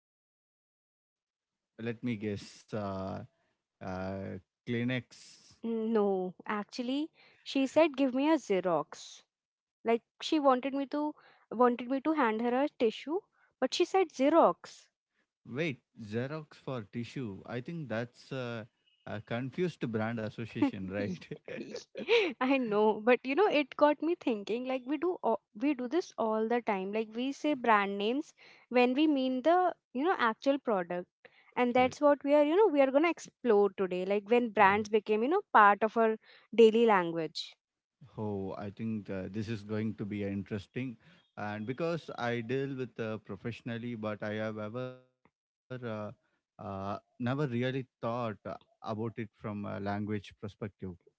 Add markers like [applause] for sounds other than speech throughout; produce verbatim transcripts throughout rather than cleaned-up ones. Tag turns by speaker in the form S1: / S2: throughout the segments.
S1: for it?
S2: let me guess. Uh, uh, Kleenex.
S1: Mm, no, actually she said give me a Xerox. Like she wanted me to wanted me to hand her a tissue, but she said Xerox.
S2: Wait, Xerox for tissue. I think that's uh, a confused brand association, right? [laughs]
S1: [laughs] I know, but you know, it got me thinking. Like we do, all, we do this all the time. Like we say brand names when we mean the you know actual product, and
S2: Okay.
S1: that's what we are. You know, we are gonna explore today. Like when brands became you know part of our daily language.
S2: Oh, I think uh, this is going to be interesting. And because I deal with uh, professionally, but I have ever uh, uh, never really thought uh, about it from a language perspective.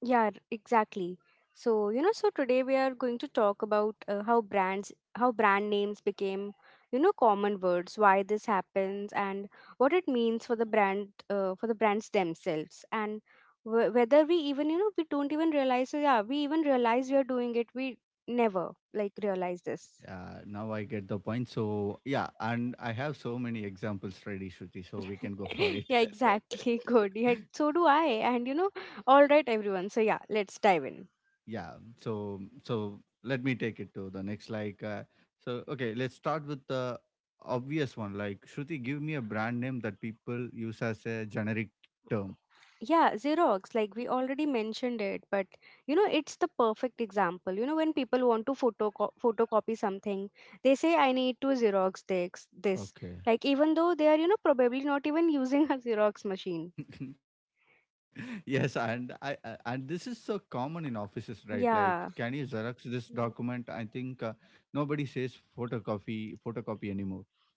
S1: Yeah, r- exactly. So, you know, so today we are going to talk about uh, how brands, how brand names became, you know, common words, why this happens, and what it means for the brand, uh, for the brands themselves, and w- whether we even, you know, we don't even realize, so yeah, we even realize we are doing it. We never like realize this.
S2: Uh, now I get the point. So yeah, and I have so many examples ready, Shruti. So we can go for
S1: [laughs]
S2: it.
S1: yeah, exactly. Good. Yeah,
S2: [laughs]
S1: so do I. And, you know, all right, everyone. So, yeah, let's dive in.
S2: yeah so so let me take it to the next, like uh, so okay let's start with the obvious one, like, Shruti, give me a brand name that people use as a generic term.
S1: Yeah, Xerox, like we already mentioned it, but you know, it's the perfect example. You know, when people want to photoco- photocopy something, they say, I need to Xerox this, this.
S2: Okay.
S1: Like, even though they are, you know, probably not even using a Xerox machine.
S2: [laughs] yes and I, I and this is so common in offices, right? Like, can you
S1: Yeah,
S2: Xerox this document? I think uh, nobody says photocopy photocopy anymore.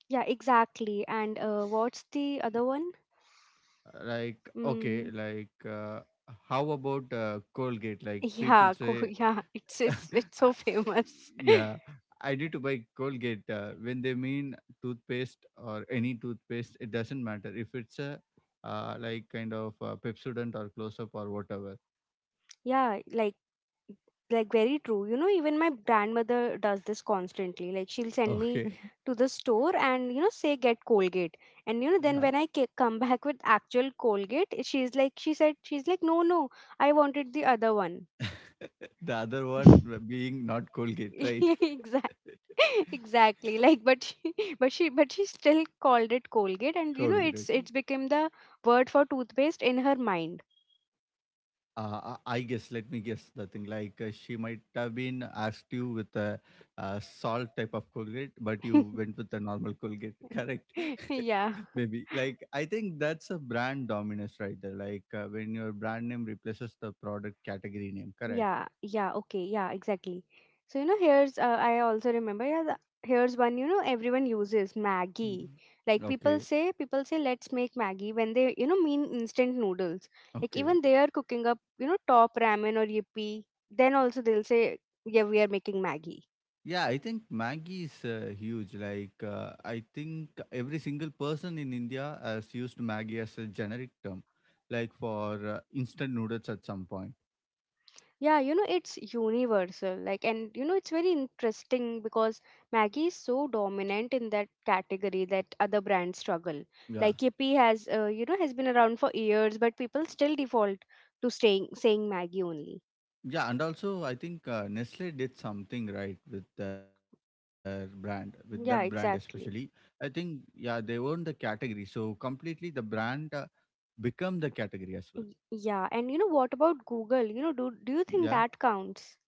S1: yeah, exactly. And uh, what's the other one?
S2: Like, okay,
S1: Mm,
S2: like uh, how about uh, Colgate, like people
S1: yeah, co-
S2: say.
S1: [laughs] yeah, it's,
S2: [laughs]
S1: it's, it's so
S2: I-
S1: famous. [laughs]
S2: yeah, I need to buy Colgate. Uh, when they mean toothpaste or any toothpaste, it doesn't matter if it's a uh, like kind of uh, Pepsodent or Close Up or whatever.
S1: Yeah, like like very true you know even my grandmother does this constantly like she'll send me
S2: Okay.
S1: to the store and you know say get Colgate, and you know
S2: [laughs]
S1: then
S2: Yeah.
S1: when I ca- come back with actual Colgate she's like she said she's like no, no, I wanted the other one.
S2: [laughs] The other one,
S1: [laughs]
S2: uh, being not Colgate, right?
S1: Exactly. [laughs]
S2: [laughs]
S1: Exactly, like but she [laughs] but she but she still called it Colgate, and you know
S2: Colgate.
S1: it's it's
S2: Okay.
S1: become the word for toothpaste in her mind.
S2: Uh, I I guess, let me guess the thing. Like, uh, she might have been asked you with a, uh salt type of Colgate, but you went
S1: [laughs]
S2: with a normal Colgate, [laughs] correct?
S1: yeah.
S2: [laughs] Maybe. Like, I think that's a brand dominance right there. Like, uh, when your brand name replaces the product category name, correct?
S1: Yeah, yeah, okay, yeah, exactly. So, you know, here's, uh, I also remember, yeah, the, here's one, you know, everyone uses Maggie.
S2: Mm.
S1: Like people
S2: Okay.
S1: say, people say, let's make Maggie when they, you know, mean instant noodles. Like
S2: Okay.
S1: even they are cooking up, you know, top ramen or yippee. Then also they'll say, yeah, we are making Maggie.
S2: Yeah, I think Maggie is uh, huge. Like, uh, I think every single person in India has used Maggie as a generic term, like for uh, instant noodles at some point.
S1: Yeah, you know, it's universal. Like, and you know, it's very interesting because Maggie is so dominant in that category that other brands struggle.
S2: Yeah.
S1: Like, Yippee has, uh, you know, has been around for years, but people still default to staying saying Maggie only.
S2: Yeah, and also I think uh, Nestle did something right with their brand, with that brand
S1: Yeah,
S2: especially. I
S1: exactly.
S2: think, yeah, they own the category, so completely the brand uh, become the category as well.
S1: Y- Yeah, and you know, what about Google? You know, do do you
S2: Yeah.
S1: think that counts?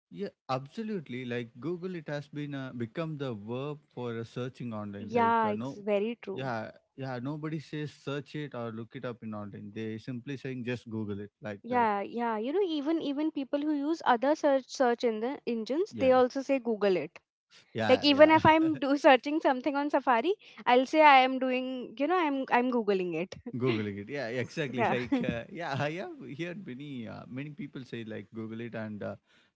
S2: Yeah, absolutely. Like Google, it has been uh, become the verb for uh, searching online. Like
S1: Yeah,
S2: uh,
S1: it's
S2: no,
S1: very true.
S2: yeah, yeah. Nobody says search it or look it up in online. They simply saying just Google it like that.
S1: Yeah, yeah. You know, even even people who use other search search in the engines, they
S2: Yeah,
S1: also say Google it. Like
S2: yeah,
S1: even
S2: yeah.
S1: if I'm
S2: [laughs]
S1: do searching something on Safari, I'll say I am doing, you know, I'm I'm googling it.
S2: Googling it. Yeah,
S1: [laughs]
S2: exactly.
S1: yeah.
S2: Like
S1: [laughs]
S2: uh, yeah, I have heard many uh, many people say like Google it, and uh,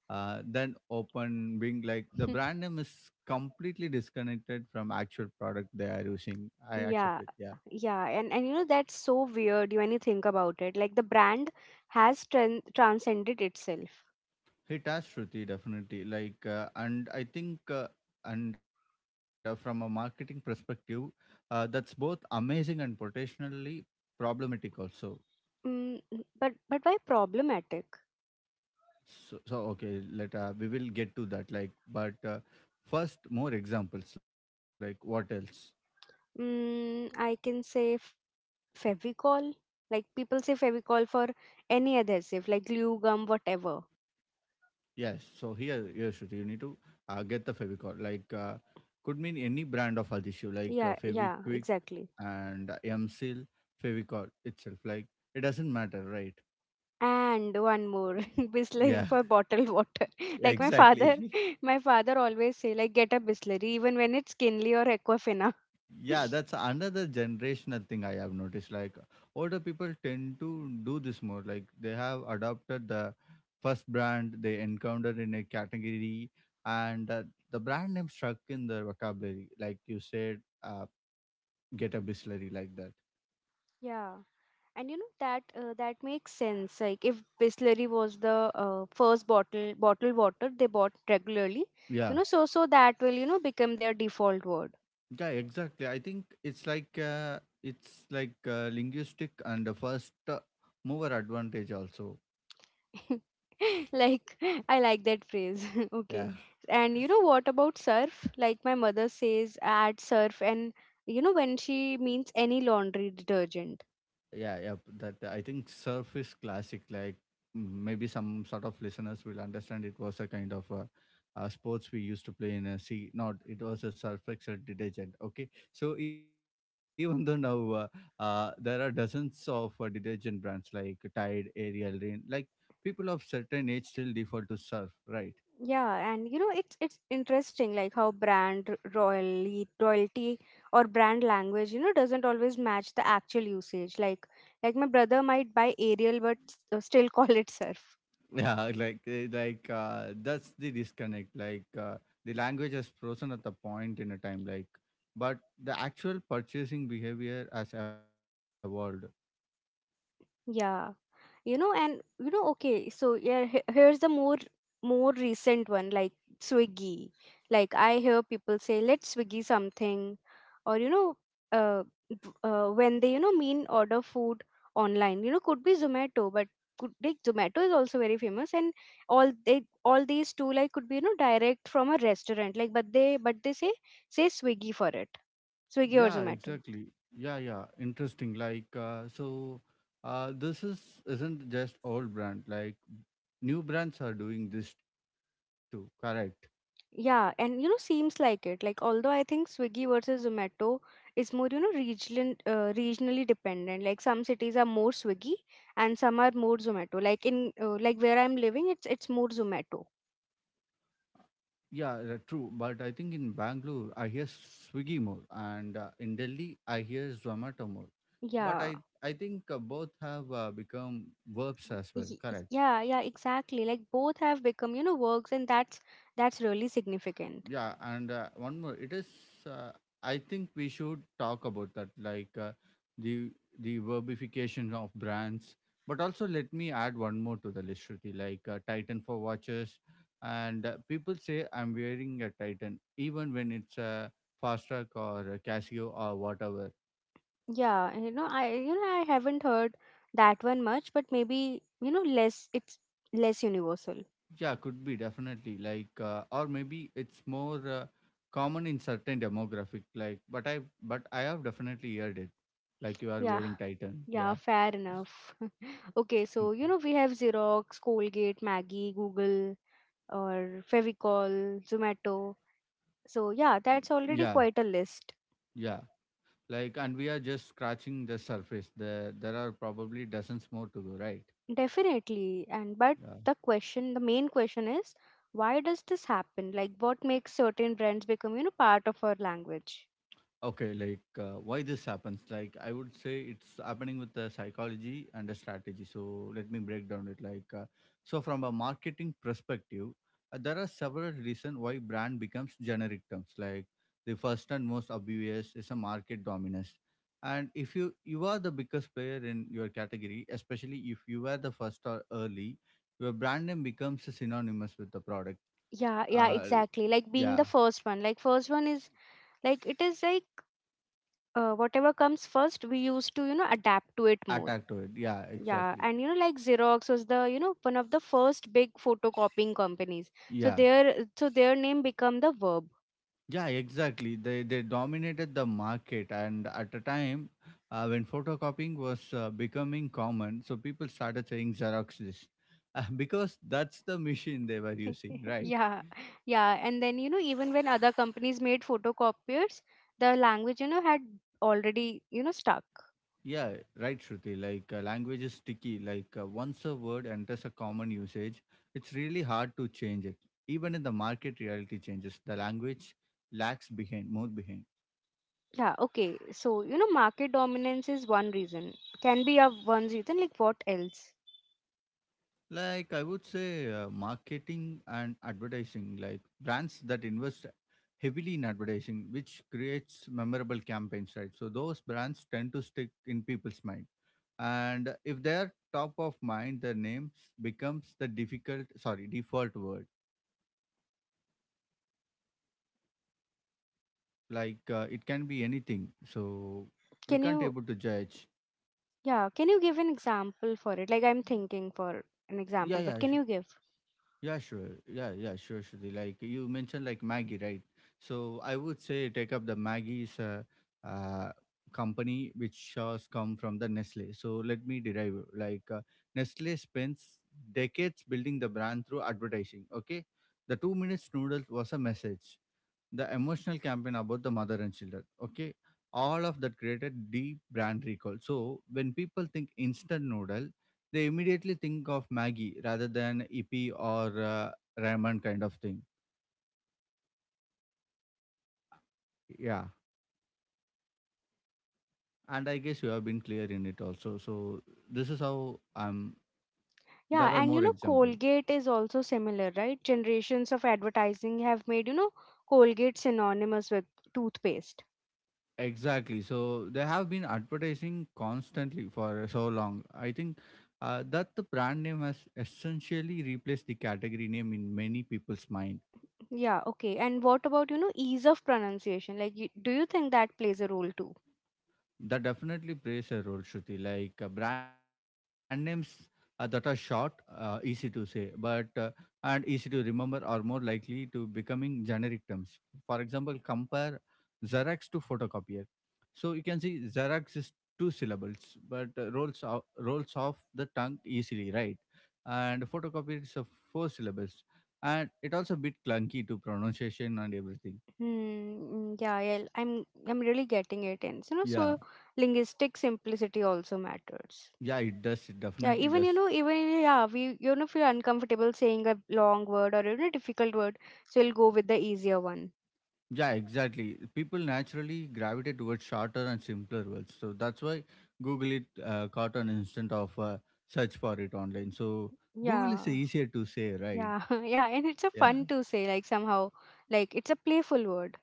S2: uh, then open Bing. Like the brand name is completely disconnected from actual product they are using. I
S1: Yeah.
S2: accept it. Yeah.
S1: Yeah, and and you know that's so weird when you think about it. Like the brand has tran- transcended itself.
S2: It has, Shruti, definitely. Like, uh, and I think, uh, and uh, from a marketing perspective, uh, that's both amazing and potentially problematic also.
S1: Mm, mm, but but why problematic?
S2: So, so okay, let uh, we will get to that. Like, but uh, first, more examples. Like, what else?
S1: Mm, I can say f- Fevicol. Like people say Fevicol for any adhesive, like glue, gum, whatever.
S2: Yes. So here, here, Shruti, you need to uh, get the Fevicol. Like, uh, could mean any brand of adhesive, like uh,
S1: Yeah, yeah,
S2: Feviquick
S1: exactly.
S2: and M Seal, Fevicol itself. Like, it doesn't matter, right?
S1: And one more, [laughs]
S2: Yeah.
S1: Bisleri for bottled water. [laughs] Like my father,
S2: Exactly. [laughs]
S1: [laughs] my father always say like get a Bisleri even when it's Kinley or Aquafina.
S2: Yeah, that's another generational thing I have noticed. Like older people tend to do this more. Like they have adopted the first brand they encountered in a category, and uh, the brand name struck in their vocabulary. Like you said, uh, get a bistlery like that.
S1: Yeah. And you know that uh, that makes sense. Like if Bisleri was the uh, first bottle bottled water they bought regularly, you
S2: Yeah,
S1: know, so so that will you know become their default word.
S2: yeah, exactly. I think it's like uh, it's like uh, linguistic, and the first uh, mover advantage also.
S1: [laughs] Like I like that phrase. [laughs] Okay, and you know what about Surf? Like my mother says add Surf, and you know when she means any laundry detergent.
S2: Yeah, yeah. That, I think, surf is classic. Like, mm, maybe some sort of listeners will understand. It was a kind of a, a sports we used to play in a sea. Not it was a surf excel detergent. Okay, so even though now uh, uh, there are dozens of uh, detergent brands like Tide, Ariel, Rain. Like people of certain age still default to surf, right?
S1: Yeah, and you know it's it's interesting like how brand royalty royalty or brand language you know doesn't always match the actual usage like like my brother might buy Ariel but s- uh, still [laughs] call it Surf.
S2: Yeah. [laughs] Like, eh, like, uh, that's the disconnect, like uh, the language has frozen at the point in a time, like but the actual purchasing behavior has evolved.
S1: Yeah. You know, and you know, okay, so yeah, he- here's the more more recent one, like Swiggy. Like I hear people say, "Let's Swiggy something," or you know, uh, b- uh, when they you know mean order food online. You know, could be Zomato, but could like Zomato is also very famous, and all they all these two like could be you know direct from a restaurant. Like, but they but they say say Swiggy for it,
S2: Yeah,
S1: Swiggy or Zomato.
S2: exactly. Yeah, yeah, interesting. Like, uh, so, uh, this is isn't just old brand, like new brands are doing this too, correct?
S1: Yeah, and you know, seems like it. Like, although I think Swiggy versus Zomato is more, you know, regional, uh, regionally dependent. Like, some cities are more Swiggy and some are more Zomato. Like in, uh, like where I'm living, it's it's more Zomato.
S2: Yeah, uh, true. But I think in Bangalore, I hear Swiggy more, and uh, in Delhi, I hear Zomato more. But
S1: Yeah,
S2: I, I think uh, both have uh, become verbs as well.
S1: y-
S2: Correct.
S1: yeah, yeah, exactly. Like both have become, you know, works, and that's that's really significant.
S2: yeah and uh, one more it is, uh, I think we should talk about that, like uh, the the verbification of brands. But also, let me add one more to the list, Shruti. Like uh, Titan for watches, and uh, people say I'm wearing a Titan even when it's a fast track or a Casio or whatever.
S1: Yeah, and, you know, I you know I haven't heard that one much, but maybe you know less. It's less universal.
S2: Yeah, could be, definitely, like, uh, or maybe it's more uh, common in certain demographic. Like, but I, but I have definitely heard it. Like you are
S1: Yeah,
S2: wearing Titan.
S1: yeah,
S2: Yeah,
S1: fair enough. [laughs] Okay, so you know we have Xerox, Colgate, Maggie, Google, or Fevicol, Zomato. So yeah, that's already
S2: yeah,
S1: quite a list.
S2: yeah. Like, and we are just scratching the surface. There, there are probably dozens more to go, right?
S1: Definitely. And but
S2: Yeah.
S1: the question, the main question is, why does this happen? Like what makes certain brands become, you know, part of our language?
S2: Okay, like, uh, why this happens? Like I would say it's happening with the psychology and the strategy. So let me break down it. Like, uh, so, from a marketing perspective, uh, there are several reasons why brand becomes generic terms. Like the first and most obvious is a market dominance, and if you you are the biggest player in your category, especially if you were the first or early, your brand name becomes synonymous with the product.
S1: Yeah, yeah,
S2: Uh,
S1: exactly. Like being the
S2: yeah,
S1: first one. Like first one is like it is like uh, whatever comes first, we used to, you know, adapt to it more.
S2: attack to it. Yeah,
S1: Yeah,
S2: exactly.
S1: and you know, like Xerox was the you know one of the first big photocopying companies. So
S2: Yeah.
S1: their so their name become the verb.
S2: Yeah, exactly. They they dominated the market, and at a time uh, when photocopying was uh, becoming common, so people started saying Xerox this [laughs] uh, because that's the machine they were using,
S1: [laughs]
S2: right?
S1: yeah, yeah, and then you know even when other companies made photocopiers, the language you know had already you know stuck.
S2: Yeah, right, Shruti. Like, uh, language is sticky. Like, uh, once a word enters a common usage, it's really hard to change it. Even in the market, reality changes. The language lags behind, more behind.
S1: Yeah, okay. So you know, market dominance is one reason. Can be a one reason. Like what else?
S2: Like I would say, uh, marketing and advertising, like brands that invest heavily in advertising, which creates memorable campaigns, right? So those brands tend to stick in people's mind, and if they're top of mind, their names becomes the difficult, sorry, default word. Like, uh, it can be anything, so we
S1: Can
S2: can't
S1: you
S2: able to judge.
S1: yeah? Can you give an example for it? Like I'm thinking for an
S2: Yeah,
S1: example, but
S2: yeah.
S1: can you give?
S2: Yeah, sure. Yeah, yeah, sure, Shruti. Like you mentioned, like Maggie, right? So I would say take up the Maggie's uh, uh, company, which has come from the Nestle. So let me derive. Like, uh, Nestle spends decades building the brand through advertising. Okay, the two minutes noodles was a message, the emotional campaign about the mother and children. Okay, all of that created deep brand recall, so when people think instant noodle, they immediately think of Maggie rather than ippy or uh, ramen kind of thing. Yeah, and I guess you have been clear in it also. So this is how um
S1: Yeah,
S2: There are
S1: and you
S2: more
S1: know,
S2: examples.
S1: Colgate is also similar, right? Generations of advertising have made, you know, Colgate synonymous with toothpaste.
S2: Exactly, so they have been advertising constantly for so long. I think uh, that the brand name has essentially replaced the category name in many people's mind.
S1: Yeah, okay. And what about, you know, ease of pronunciation? Like, you, do you think that plays a role too?
S2: That definitely plays a role, Shruti. Like, uh, brand names uh, that are short, uh, easy to say, but uh, and easy to remember are more likely to becoming generic terms. For example, compare Xerox to photocopier. So you can see Xerox is two syllables, but uh, rolls off, rolls off the tongue easily, right? And photocopier is of four syllables, and it also a bit clunky to pronunciation and everything.
S1: Hmm, mm, yeah, yeah, I'm I'm really getting it. And you know,
S2: Yeah,
S1: so linguistic simplicity also matters.
S2: yeah, it does. It
S1: Yeah,
S2: definitely
S1: even you
S2: does.
S1: know, even yeah, we you know if you're uncomfortable saying a long word or even a difficult word, so we'll go with the easier one.
S2: Yeah, exactly. People naturally gravitate towards shorter and simpler words. So that's why Google it uh, caught an instant of uh, search for it online. So Google
S1: Yeah.
S2: is easier to say, right?
S1: Yeah, [laughs] yeah, and it's a
S2: Yeah.
S1: fun to say like somehow like it's a playful word.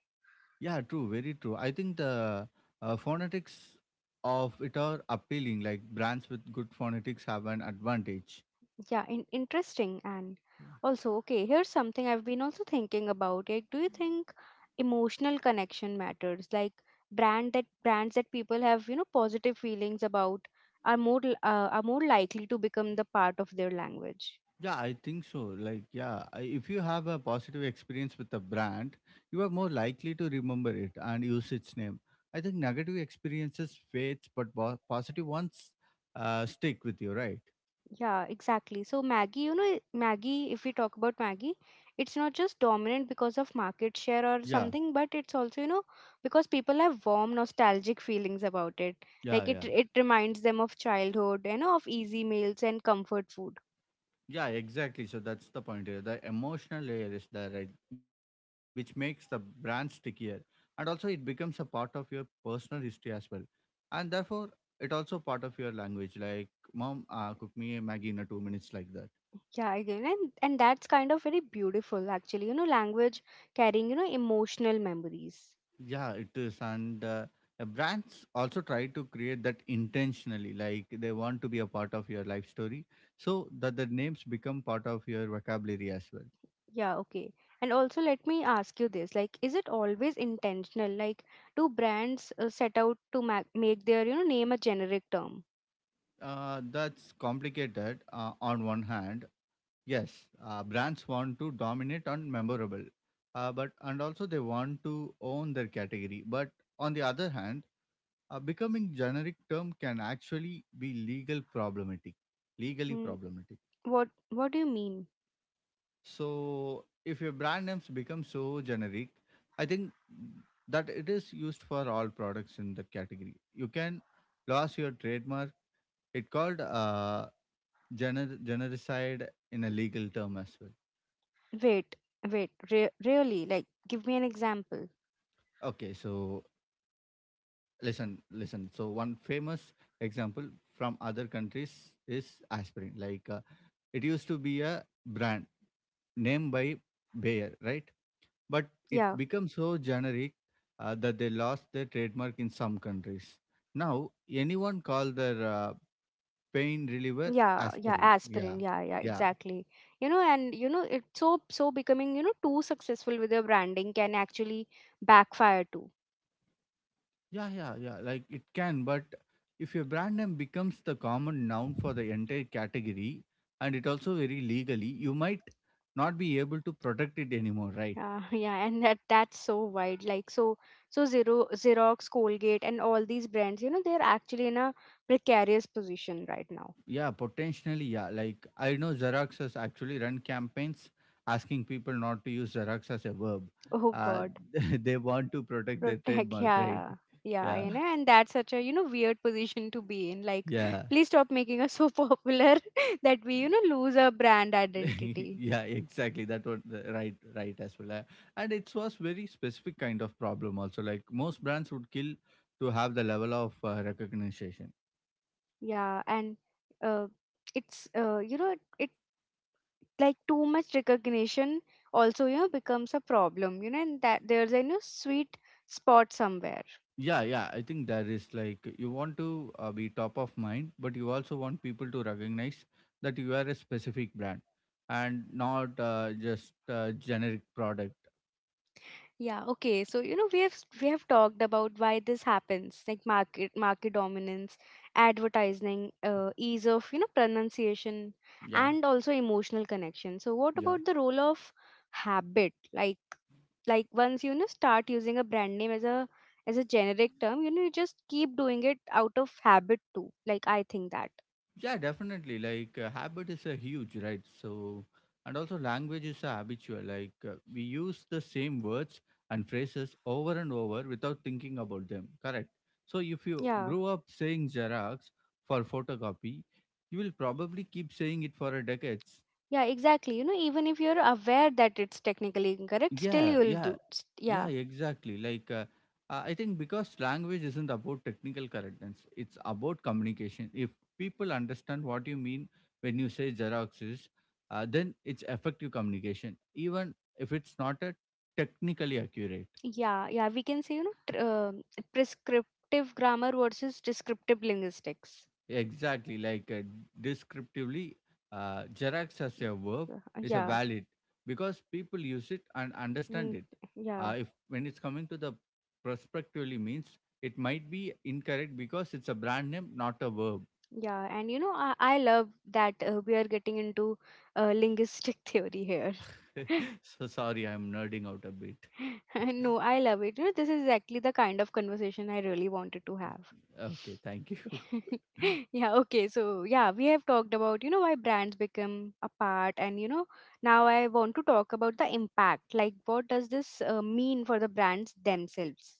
S2: Yeah, true. Very true. I think the uh, phonetics of it are appealing. Like brands with good phonetics have an advantage.
S1: Yeah, in- interesting. And also okay, here's something I've been also thinking about. Like do you think emotional connection matters? Like brand that brands that people have, you know, positive feelings about are more l- uh, are more likely to become the part of their language.
S2: Yeah, I think so. Like, yeah, I- if you have a positive experience with a brand, you are more likely to remember it and use its name. I think negative experiences fades, but bo- positive ones uh, stick with you, right?
S1: Yeah, exactly. So Maggie, you know, Maggie, if we talk about Maggie, it's not just dominant because of market share or
S2: Yeah,
S1: something, but it's also, you know, because people have warm nostalgic feelings about it.
S2: yeah,
S1: Like it
S2: yeah,
S1: it reminds them of childhood, you know, of easy meals and comfort food.
S2: yeah. Exactly. So that's the point here. The emotional layer is there, right? Which makes the brand stickier, and also it becomes a part of your personal history as well, and therefore it also part of your language. Like, mom, uh, cook me a Maggie in a two minutes like that.
S1: Yeah, again, and, and that's kind of very beautiful actually. You know, language carrying, you know, emotional memories.
S2: Yeah, it is. And uh, uh, brands also try to create that intentionally, like they want to be a part of your life story so that the names become part of your vocabulary as well.
S1: Yeah, okay. And also, let me ask you this: like, is it always intentional? Like, do brands uh, set out to ma- make their, you know, name a generic term?
S2: Uh, that's complicated uh, on one hand. Yes, uh, brands want to dominate on memorable, uh, but and also they want to own their category. But on the other hand, uh, becoming generic term can actually be legal problematic, legally
S1: Hmm.
S2: problematic.
S1: what What do you mean?
S2: So if your brand names become so generic, I think that it is used for all products in that category. You can lose your trademark. It called uh, gener- genericide in a legal term as well.
S1: Wait, wait. Re- really? Like, give me an example.
S2: Okay, so listen, listen. So one famous example from other countries is aspirin. Like uh, it used to be a brand name by Bayer, right? But it
S1: Yeah,
S2: becomes so generic uh, that they lost their trademark in some countries. Now, anyone call their uh, pain reliever
S1: yeah, yeah.
S2: aspirin. Yeah,
S1: Aspirin. Yeah, yeah.
S2: yeah,
S1: Exactly. You know, and you know, it's so so becoming, you know, too successful with your branding can actually backfire too.
S2: yeah, yeah, yeah. Like it can, but if your brand name becomes the common noun for the entire category and it also very legally, you might not be able to protect it anymore, right?
S1: Yeah, [laughs] yeah, and that that's so wide. Like so, so Zero, Xerox, Colgate, and all these brands, you know, they're actually in a precarious position right now.
S2: Yeah, potentially, yeah. Like I know Xeroxes actually run campaigns asking people not to use Xerox as a verb.
S1: Oh
S2: Uh,
S1: God.
S2: [laughs] they want to
S1: [laughs]
S2: protect their
S1: Protect.
S2: trademark, right?
S1: Yeah, yeah,
S2: Yeah,
S1: you know, and that's such a you know weird position to be in. Like,
S2: yeah,
S1: [laughs] please stop making us so [laughs] popular that we you know lose our brand
S2: [laughs]
S1: identity.
S2: yeah. Exactly. That was the right, right as well. Uh, And it was very specific kind of problem also. Like most brands would kill to have the level of uh, recognition.
S1: Yeah, and uh, it's uh, you know it like too much recognition, also you know becomes a problem, you know and that there's a, you know, sweet spot somewhere.
S2: Yeah, yeah. I think that is like you want to uh, be top of mind, but you also want people to recognize that you are a specific brand and not uh, just a generic product.
S1: Yeah, okay, so you know we have we have talked about why this happens, like market market dominance, advertising, uh, ease of, you know pronunciation,
S2: Yeah,
S1: and also emotional connection. So what
S2: yeah.
S1: about the role of habit, like like once you, you know start using a brand name as a as a generic term, you know you just keep doing it out of habit too. Like, I think that.
S2: Yeah, definitely. Like uh, habit is a huge, right? So, and also language is a habitual. Like uh, we use the same words and phrases over and over without thinking about them. Correct. So if you
S1: Yeah.
S2: grew up saying Xerox for photocopy, you will probably keep saying it for a decades.
S1: Yeah, exactly. You know, even if you're aware that it's technically incorrect, still
S2: Yeah,
S1: you'll
S2: yeah.
S1: do. s-
S2: Yeah,
S1: Yeah,
S2: exactly. Like, uh, uh, I think because language isn't about technical correctness, it's about communication. If people understand what you mean when you say Xeroxes, uh, then it's effective communication, even if it's not a technically accurate.
S1: yeah, yeah. We can say, you know, tr- um prescriptive grammar versus descriptive linguistics.
S2: Exactly, like uh, descriptively, uh, Xerox as a verb
S1: Mm. uh,
S2: is a
S1: Yeah.
S2: valid because people use it and understand
S1: Mm,
S2: it.
S1: yeah,
S2: Uh, if when it's coming to the prospectively means it might be incorrect because it's a brand name, not a verb.
S1: yeah. And, you know, I, I love that uh, we are getting into uh, linguistic [laughs] theory here. [laughs]
S2: [laughs] So sorry, I'm nerding out a bit.
S1: [laughs] No, I love it. You know, this is exactly the kind of conversation I really wanted to have.
S2: Okay, thank you.
S1: [laughs]
S2: [laughs]
S1: Yeah, okay, so yeah, we have talked about, you know, why brands become a part, and, you know, now I want to talk about the impact. Like, what does this uh, mean for the brands themselves?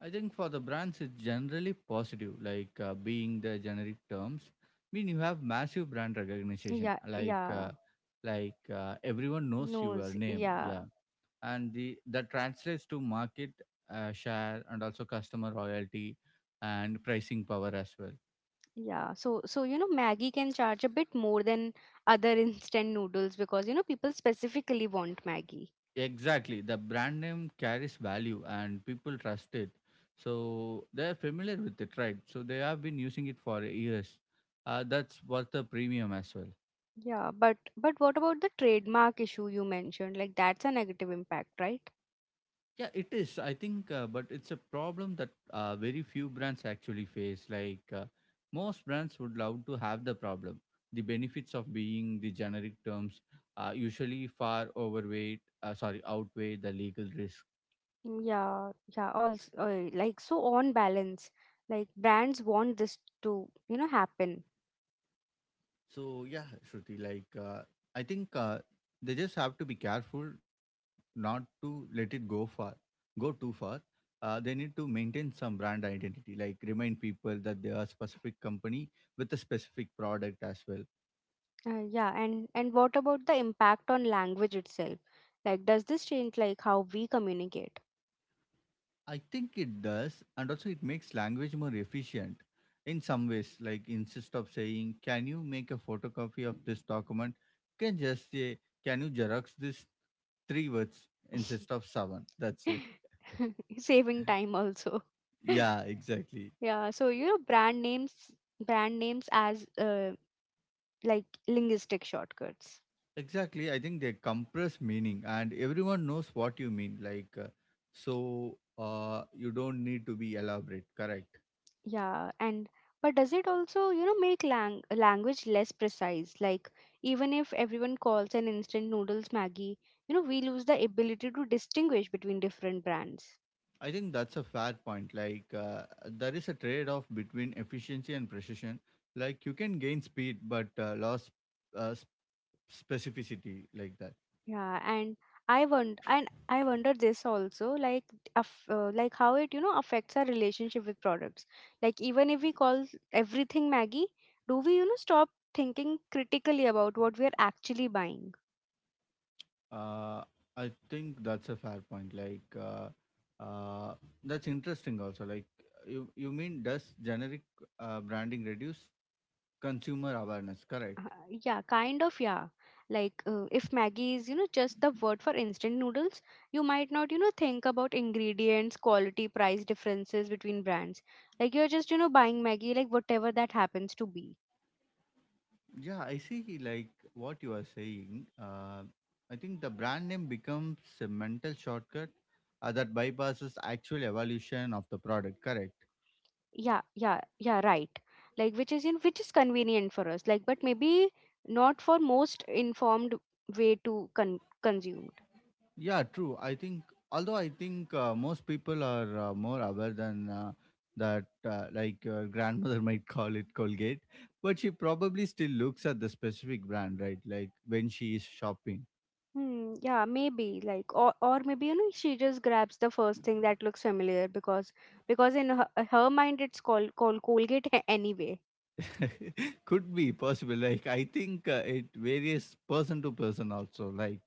S2: I think for the brands, it's generally positive, like uh, being the generic terms. Mean, you have massive brand recognition,
S1: Yeah,
S2: like
S1: yeah,
S2: uh, like uh, everyone knows your
S1: knows,
S2: name,
S1: yeah.
S2: yeah, and the that translates to market uh, share and also customer loyalty and pricing power as well.
S1: Yeah, so so you know Maggie can charge a bit more than other [laughs] instant noodles because, you know people specifically want Maggie.
S2: Exactly, the brand name carries value and people trust it, so they're familiar with it, right? So they have been using it for years. Uh, that's worth the premium as well.
S1: Yeah, but but what about the trademark issue you mentioned? Like, that's a negative impact, right?
S2: Yeah, it is. I think, uh, but it's a problem that uh, very few brands actually face. Like uh, most brands would love to have the problem. The benefits of being the generic terms uh, usually far overweight, uh, sorry, outweigh the legal risks.
S1: Yeah, yeah. Also, uh, like, so on balance, like, brands want this to, you know, happen.
S2: So yeah, Shruti, like uh, I think uh, they just have to be careful not to let it go far, go too far. Uh, they need to maintain some brand identity, like remind people that they are a specific company with a specific product as well.
S1: Uh, yeah, and and what about the impact on language itself? Like, does this change like how we communicate?
S2: I think it does, and also it makes language more efficient in some ways. Like instead of saying, "Can you make a photocopy of this document?" you can just say, "Can you xerox this three words instead of seven?" That's it.
S1: [laughs] Saving time also. [laughs]
S2: Yeah, exactly.
S1: Yeah, so you know, brand names, brand names as uh, like, linguistic shortcuts.
S2: Exactly. I think they compress meaning and everyone knows what you mean. Like, uh, so uh, you don't need to be elaborate, correct?
S1: Yeah, and but does it also, you know, make lang language less precise? Like, even if everyone calls an instant noodles Maggie, you know, we lose the ability to distinguish between different brands.
S2: I think that's a fair point. Like, uh, there is a trade off between efficiency and precision. Like, you can gain speed but uh, lose uh, s- specificity, like that.
S1: Yeah, and I wonder, and I wonder this also, like, aff uh, like how it, you know, affects our relationship with products. Like, even if we call everything Maggie, do we, you know, stop thinking critically about what we are actually buying?
S2: Uh, I think that's a fair point. Like, uh, uh, that's interesting also. Like, you, you mean does generic uh, branding reduce consumer awareness, correct.
S1: Uh, yeah, kind of, yeah. Like, uh, if Maggie is, you know, just the word for instant noodles, you might not, you know, think about ingredients, quality, price differences between brands. Like, you're just, you know, buying Maggie, like, whatever that happens to be.
S2: Yeah, I see like what you are saying. Uh, I think the brand name becomes a mental shortcut uh, that bypasses actual evolution of the product, correct?
S1: Yeah, yeah, yeah, right. Like, which is, in which is convenient for us. Like, but maybe not for most informed way to con- consume.
S2: Yeah, true. I think, although I think uh, most people are uh, more aware than uh, that, uh, like your grandmother [laughs] might call it Colgate, but she probably still looks at the specific brand, right? Like when she is shopping.
S1: Hmm, yeah, maybe. Like, or or maybe, you know, she just grabs the first thing that looks familiar, because because in her, her mind it's called called Colgate. [laughs] A- anyway.
S2: [laughs] Could be possible. Like i think uh, it varies person to person also. like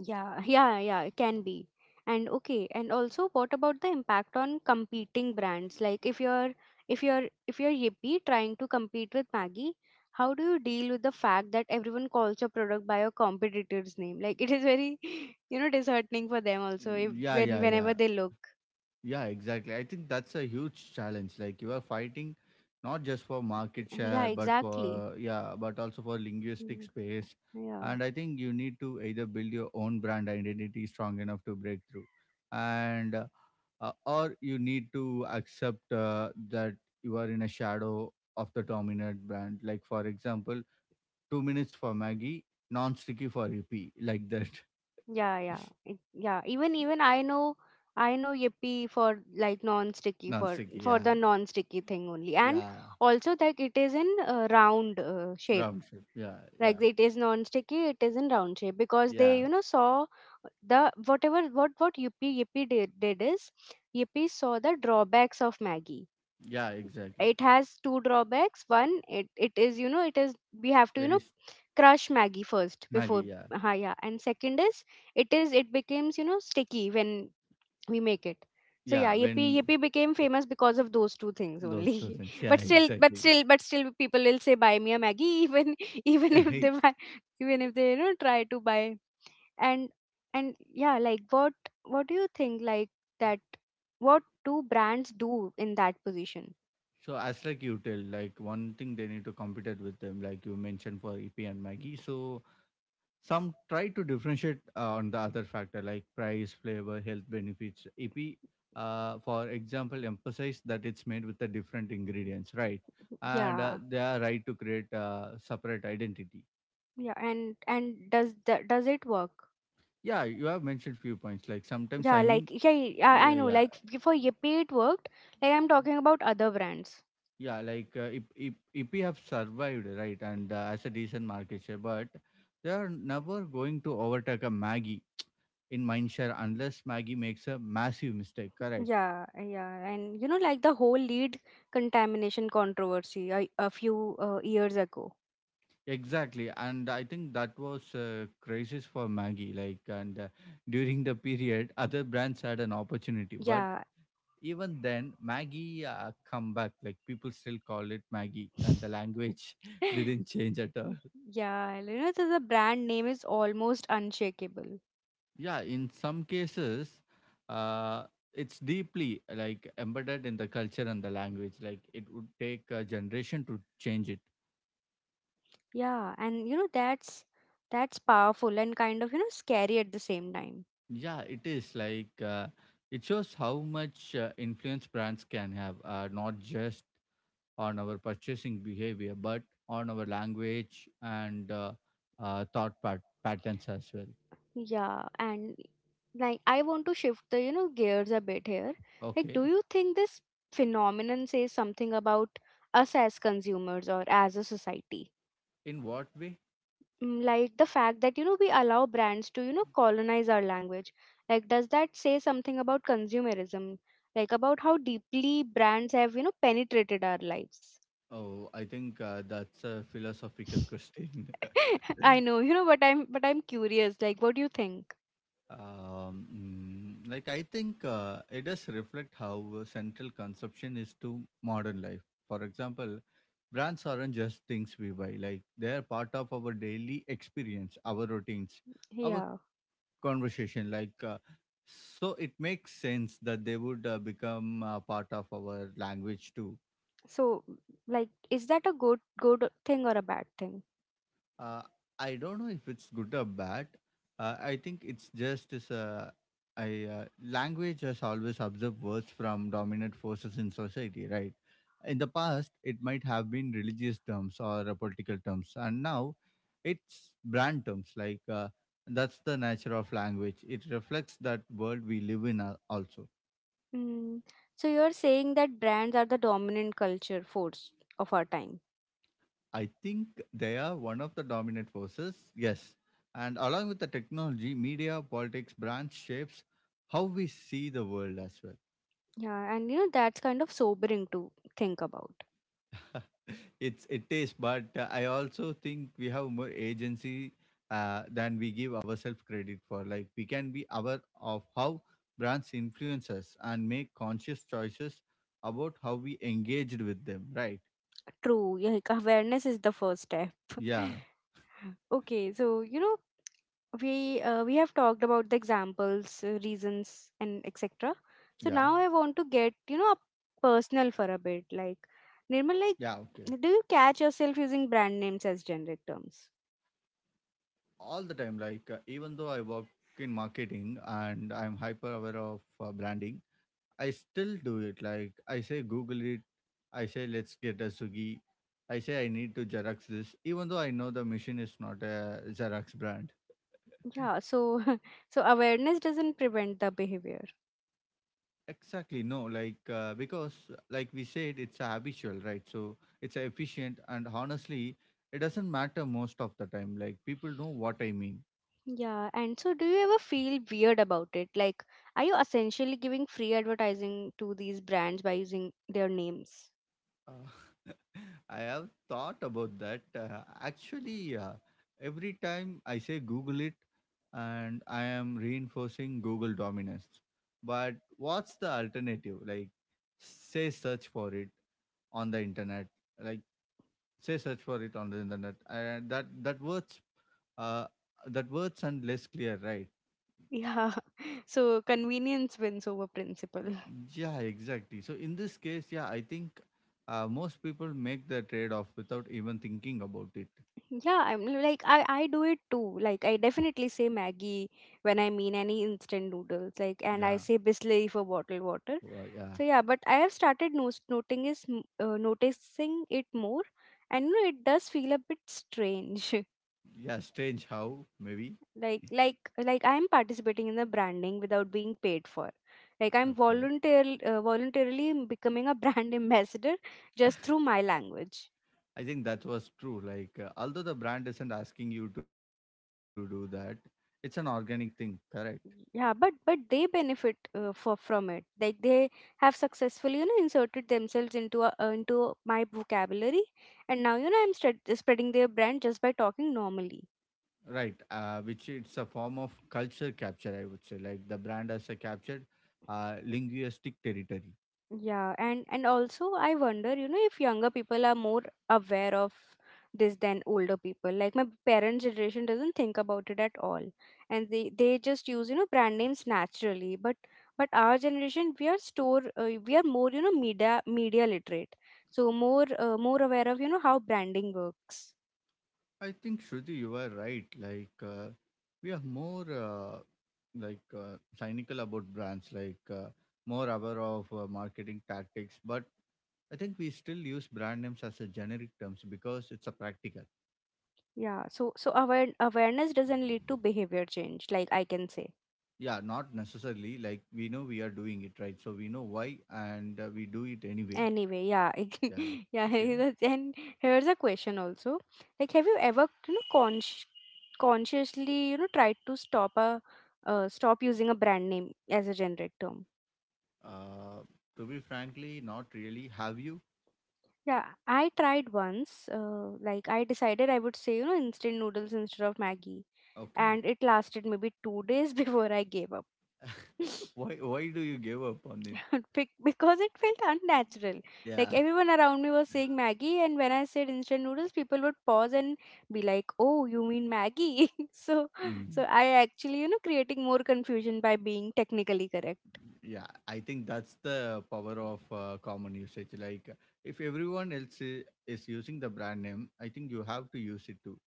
S1: Yeah, yeah, yeah, it can be. And okay, and also, what about the impact on competing brands? Like, if you're if you're if you're Yippee trying to compete with Maggie, how do you deal with the fact that everyone calls your product by your competitor's name? Like, it is very, [laughs] you know, disheartening for them also, if
S2: yeah
S1: when
S2: yeah yeah
S1: whenever they look.
S2: yeah exactly, I think that's a huge challenge, like you are fighting not just for market
S1: Yeah,
S2: share but
S1: exactly.
S2: for yeah but also for linguistic
S1: Mm-hmm.
S2: space.
S1: Yeah,
S2: And I think you need to either build your own brand identity strong enough to break through and uh, uh, or you need to accept uh, that you are in a shadow of the dominant brand, like for example two minutes for Maggie, non-sticky for E P, like that.
S1: yeah, yeah, it,
S2: [laughs]
S1: yeah. Even even I know, I know Yippee for, like, non-sticky, for
S2: Non-sticky,
S1: for
S2: yeah,
S1: the non-sticky thing only, and
S2: yeah,
S1: also that it is in uh, round uh, shape.
S2: round trip, yeah, yeah,
S1: Like, it is non-sticky, it is in round shape because they,
S2: yeah,
S1: you know, saw the whatever, what what Yippee Yippee did, did is Yippee saw the drawbacks of Maggie.
S2: yeah, exactly.
S1: It has two drawbacks. One, it, it is, you know, it is we have to, you
S2: Very
S1: know,
S2: s-
S1: crush Maggie first
S2: Maggie,
S1: before.
S2: yeah,
S1: Ha, yeah, and second is it is it becomes, you know, sticky when we make it. So
S2: yeah.
S1: yeah, yippee
S2: When
S1: Yippee became famous because of those two things
S2: those two
S1: only.
S2: things,
S1: [laughs]
S2: yeah,
S1: But still, but
S2: exactly. [laughs]
S1: still but still people will say buy me a Maggie, even, [laughs] even if they
S2: Right.
S1: buy, even if they, you know, try to buy, and and yeah, like, what, what do you think, like, that, what do brands do in that position?
S2: So as like you tell, like one thing they need to compete it with them, like you mentioned for E P and Maggie. So some try to differentiate uh, on the other factor like price, flavor, health benefits. E P, uh, for example, emphasize that it's made with the different ingredients, right? And uh,
S1: Yeah.
S2: they are right to create a separate identity.
S1: Yeah, and and does that does it work?
S2: Yeah, you have mentioned few points. Like sometimes,
S1: Yeah,
S2: I mean,
S1: like, yeah, I, I
S2: yeah,
S1: know.
S2: yeah,
S1: Like, for Yippee, it worked. Like, I'm talking about other brands.
S2: yeah. Like uh, if if if we have survived, right, and uh, as a decent market share, but they are never going to overtake a Maggie in mind share unless Maggie makes a massive mistake. Correct.
S1: Yeah, yeah, and you know, like the whole lead contamination controversy, a, a few uh, years ago.
S2: Exactly, and I think that was a crisis for Maggie. Like, and uh, during the period, other brands had an opportunity, but
S1: Yeah,
S2: even then, Maggie uh, come back. Like people still call it Maggie, and the
S1: [laughs]
S2: language [laughs] didn't change at all.
S1: yeah, you know, the the brand name is almost unshakable.
S2: Yeah, in some cases, uh, it's deeply like embedded in the culture and the language. Like it would take a generation to change it.
S1: Yeah, and you know, that's that's powerful, and kind of, you know, scary at the same time.
S2: Yeah, it is. Like uh, it shows how much uh, influence brands can have, uh, not just on our purchasing behavior, but on our language and uh, uh, thought pat- patterns as well.
S1: Yeah, and like, I want to shift the, you know, gears a bit here. Like, do
S2: Okay,
S1: you think this phenomenon says something about us as consumers or as a society?
S2: in what way?
S1: Mm. Like, the fact that, you know, we allow brands to, you know, colonize our language. Like, does that say something about consumerism? Like, about how deeply brands have, you know, penetrated our lives.
S2: Oh, I think uh, that's a philosophical question.
S1: [laughs] I
S2: [laughs]
S1: know, you know, but I'm but I'm curious. Like, what do you think?
S2: um, mm, like I think uh, it does reflect how uh, central consumption is to modern life. For example, brands aren't just things we buy, like they're part of our daily experience, our routines, our
S1: Yeah.
S2: conversation. Like uh, so it makes sense that they would uh, become uh, part of our language too.
S1: So, like, is that a good good thing or a bad thing?
S2: Uh, I don't know if it's good or bad. Uh, I think it's just as a I uh, language has always observed words from dominant forces in society, right? In the past, it might have been religious terms or uh, political terms, and now it's brand terms. Like uh, that's the nature of language. It reflects that world we live in uh, also.
S1: Mm. So you're saying that brands are the dominant culture force of our time.
S2: I think they are one of the dominant forces, yes. And along with the technology, media, politics, brands shapes how we see the world as well.
S1: Yeah, and you know, that's kind of sobering to think about.
S2: [laughs] It's it is, but uh, I also think we have more agency uh, than we give ourselves credit for. Like we can be aware of how brands influence us and make conscious choices about how we engaged with them, right?
S1: True, yeah, like, awareness is the first step.
S2: Yeah.
S1: [laughs] Okay, so you know, we uh, we have talked about the examples, uh, reasons, and et cetera. So
S2: Yeah.
S1: now I want to get, you know, personal for a bit. Like,
S2: Yeah. Okay.
S1: Nirmal, like, do you catch yourself using brand names as generic terms?
S2: All the time. Like uh, even though I work in marketing and I'm hyper aware of uh, branding, I still do it. Like I say google it, I say let's get a sugi, I say I need to xerox this, even though I know the machine is not a xerox brand.
S1: Yeah, so, [laughs] so awareness doesn't prevent the behavior.
S2: Exactly, no. Like uh, because like we said, it's habitual, right? So it's efficient, and honestly it doesn't matter most of the time. Like people know what I mean.
S1: Yeah, and so do you ever feel weird about it? Like, are you essentially giving free advertising to these brands by using their names?
S2: Uh, [laughs] I have thought about that. Uh, actually, uh, every time I say Google it, and I am reinforcing Google dominance. But what's the alternative? Like, say search for it on the internet. Like, say search for it on the internet. Uh, that that words, uh, that words and less clear, right?
S1: Yeah, [laughs] so convenience wins over principle.
S2: Yeah, exactly. So in this case, yeah, I think uh, most people make the trade off without even thinking about it.
S1: Yeah, I'm l- like I I do it too. Like, I definitely say Maggie when I mean any instant noodles. Like, and I
S2: Yeah.
S1: say Bisley for bottled water.
S2: Well, yeah,
S1: So yeah, but I have started no- noting is m- uh, noticing it more, and you know, it does feel a bit strange. [laughs]
S2: yeah, strange how, maybe.
S1: like like like, I'm participating in the branding without being paid for. Like, I'm
S2: Okay.
S1: voluntarily, uh, voluntarily becoming a [laughs] brand ambassador just through my language.
S2: I think that was true. Like, uh, although the brand isn't asking you to do that, it's an organic thing, correct?
S1: Yeah, but but they benefit, uh, for from it, like they have successfully, you know, inserted themselves into a, uh, into my vocabulary. And now, you know, I'm stre- spreading their brand just by talking normally.
S2: Right. Uh, which it's a form of culture capture, I would say. Like, the brand has a captured uh, linguistic territory.
S1: Yeah, and and also, I wonder, you know, if younger people are more aware of this than older people. Like, my parents' generation doesn't think about it at all, and they they just use, you know, brand names naturally. But but our generation, we are store uh, we are more, you know, media media literate, so more uh, more aware of, you know, how branding works.
S2: I think Shruti, you are right. Like uh, we are more uh, like uh, cynical about brands, like uh, more aware of uh, marketing tactics. But I think we still use brand names as a generic terms because it's a practical.
S1: Yeah, so so aware awareness doesn't lead to behavior change, like, I can say.
S2: Yeah, not necessarily. Like we know we are doing it right, so we know why, and uh, we do it anyway.
S1: Anyway, yeah, [laughs]
S2: Yeah.
S1: I- yeah.
S2: [laughs] Yeah.
S1: [laughs] And here's a question also. Like, have you ever, you know, consci- consciously, you know, tried to stop a, uh, stop using a brand name as a generic term?
S2: Uh, to be frankly, not really. Have you?
S1: Yeah, I tried once. Uh, like, I decided I would say, you know, instant noodles instead of Maggie,
S2: Okay.
S1: and it lasted maybe two days [laughs] before I gave up.
S2: [laughs] Why? Why do you give up on it?
S1: [laughs] Bec- because it felt unnatural. Like,
S2: Yeah.
S1: everyone around me was saying Maggie, and when I said instant noodles, people would pause and be like, "Oh, you mean Maggie?" [laughs] so, so
S2: Mm.
S1: I actually, you know, creating more confusion by being technically correct.
S2: Yeah, I think that's the power of uh, common usage. Like, if everyone else is, is using the brand name, I think you have to use it too,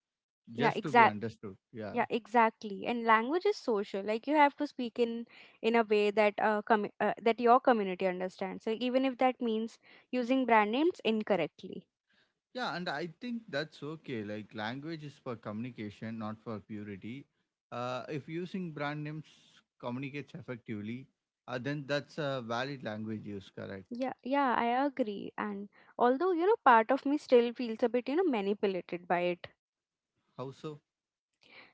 S1: Yeah,
S2: just to be
S1: exact.
S2: understood. Yeah.
S1: Yeah, exactly. And language is social. Like, you have to speak in in a way that uh, com- uh that your community understands. So even if that means using brand names incorrectly.
S2: Yeah, and I think that's okay. Like, language is for communication, not for purity. Uh, if using brand names communicates effectively, uh, then that's a valid language use, correct?
S1: Yeah, yeah, I agree. And although, you know, part of me still feels a bit, you know, manipulated by it.
S2: How so?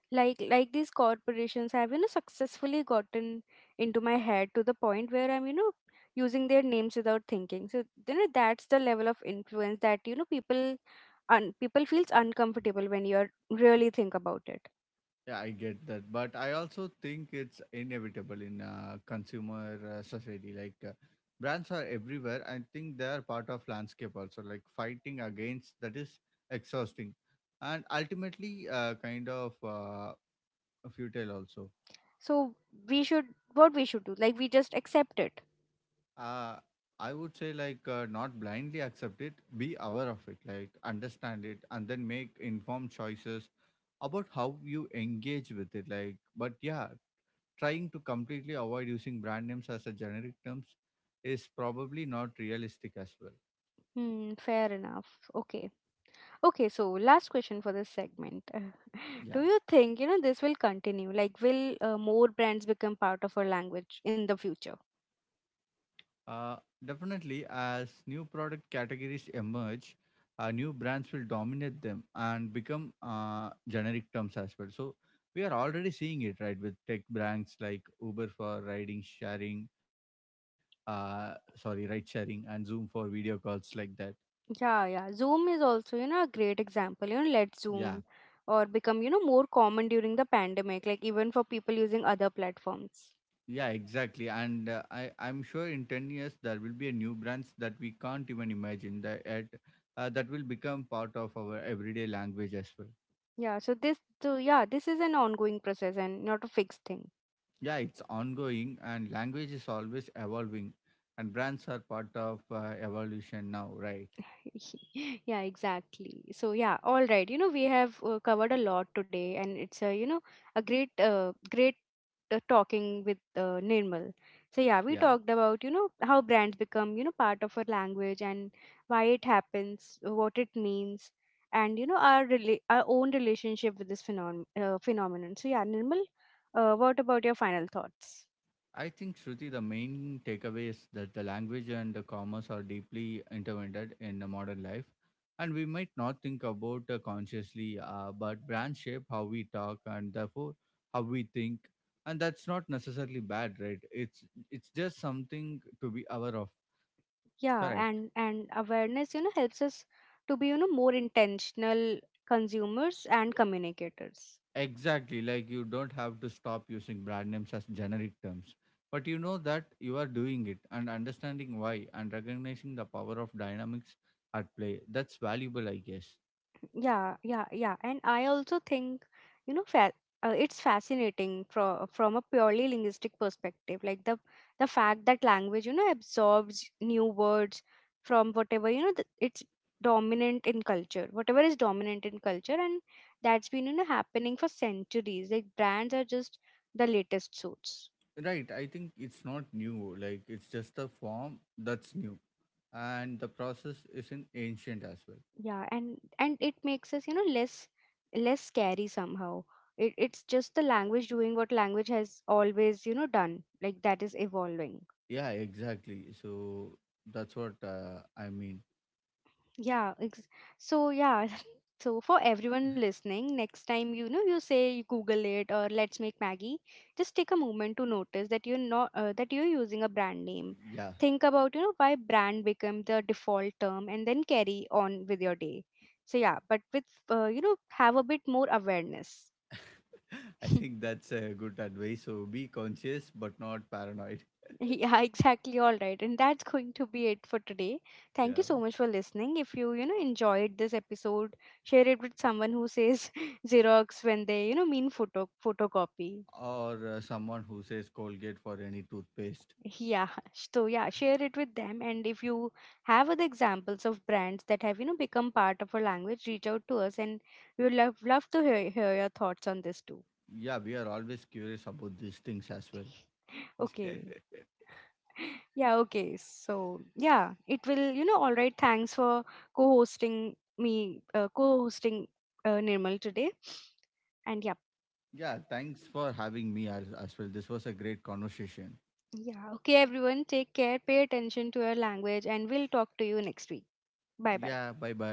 S1: Like like, these corporations have, you know, successfully gotten into my head to the point where I'm, you know, using their names without thinking. So, you know, that's the level of influence that, you know, people un- people feels uncomfortable when you are really think about it.
S2: Yeah, I get that, but I also think it's inevitable in uh, consumer uh, society. Like uh, brands are everywhere. I think they are part of landscape also. Like fighting against that is exhausting, and ultimately uh, kind of uh, futile also.
S1: So, we should, what we should do, like, we just accept it.
S2: Uh, I would say like uh, not blindly accept it. Be aware of it. Like understand it, and then make informed choices about how you engage with it. Like, but yeah, trying to completely avoid using brand names as a generic terms is probably not realistic as well.
S1: Hmm, fair enough. Okay. Okay, so last question for this segment. [laughs]
S2: Yeah.
S1: Do you think, you know, this will continue? Like, will uh, more brands become part of our language in the future?
S2: Uh, Definitely, as new product categories emerge, uh, new brands will dominate them and become uh, generic terms as well. So we are already seeing it, right, with tech brands like Uber for riding sharing, uh, sorry, ride sharing, and Zoom for video calls like that.
S1: Yeah, yeah. Zoom is also, you know, a great example. You know, let
S2: Yeah.
S1: Zoom or become, you know, more common during the pandemic, like even for people using other platforms.
S2: Yeah, exactly. And uh, I, I'm sure in ten years there will be a new brands that we can't even imagine that at, uh, that will become part of our everyday language as well.
S1: Yeah, so this, so yeah, this is an ongoing process and not a fixed thing.
S2: Yeah, it's ongoing and language is always evolving and brands are part of uh, evolution now, right?
S1: [laughs] Yeah, exactly. So yeah, all right, you know, we have uh, covered a lot today, and it's a, you know, a great, uh, great uh, talking with uh, Nirmal. So yeah, we
S2: Yeah.
S1: talked about, you know, how brands become, you know, part of our language, and why it happens, what it means, and, you know, our rela- our own relationship with this phenom- uh, phenomenon. So yeah, Nirmal, uh, what about your final thoughts?
S2: I think, Shruti, the main takeaway is that the language and the commerce are deeply intertwined in the modern life. And we might not think about uh, consciously, uh, but brands shape how we talk and therefore how we think. And that's not necessarily bad, right? It's it's just something to be aware of.
S1: Yeah,
S2: Correct.
S1: and and awareness, you know, helps us to be, you know, more intentional consumers and communicators.
S2: Exactly. Like you don't have to stop using brand names as generic terms, but you know that you are doing it and understanding why and recognizing the power of dynamics at play. That's valuable, I guess.
S1: Yeah, yeah, yeah, and I also think, you know, fa- uh, it's fascinating from from a purely linguistic perspective, like the the fact that language, you know, absorbs new words from whatever you know th- it's dominant in culture whatever is dominant in culture, and that's been, you know, happening for centuries. Like, brands are just the latest suits.
S2: Right. I think it's not new. Like it's just a form that's new. And the process isn't ancient as well.
S1: Yeah, and and it makes us, you know, less less scary somehow. It, it's just the language doing what language has always, you know, done, like, that is evolving.
S2: Yeah, exactly. So that's what uh, I mean.
S1: Yeah, ex- so yeah, [laughs] so for everyone listening, next time, you know, you say you google it or let's make Maggie, just take a moment to notice that you're not uh, that you're using a brand name.
S2: Yeah.
S1: Think about, you know, why brand became the default term, and then carry on with your day. So yeah, but with, uh, you know, have a bit more awareness.
S2: [laughs] I
S1: [laughs]
S2: think that's a good advice. So be conscious, but not paranoid.
S1: [laughs] Yeah, exactly. All right. And that's going to be it for today.
S2: [laughs]
S1: Thank
S2: Yeah.
S1: you so much for listening. If you, you know, enjoyed this episode, share it with someone who says [laughs] Xerox when they, you know, mean photo photocopy.
S2: Or uh, someone who says Colgate for any toothpaste.
S1: Yeah. [laughs] So yeah, share it with them. And if you have other examples of brands that have, you know, become part of our language, reach out to us, and we would love love to hear, hear your thoughts on this too.
S2: Yeah, we are always curious about these things as well.
S1: [laughs]
S2: [laughs]
S1: Okay. Yeah, okay. So, yeah, it will, you know, all right. Thanks for co hosting me, uh, co hosting, uh, Nirmal today. And
S2: Yeah,
S1: yeah,
S2: thanks for having me as, as well. This was a great conversation.
S1: yeah, okay, everyone, take care, pay attention to your language, and we'll talk to you next week. Bye
S2: Yeah,
S1: bye.
S2: bye bye.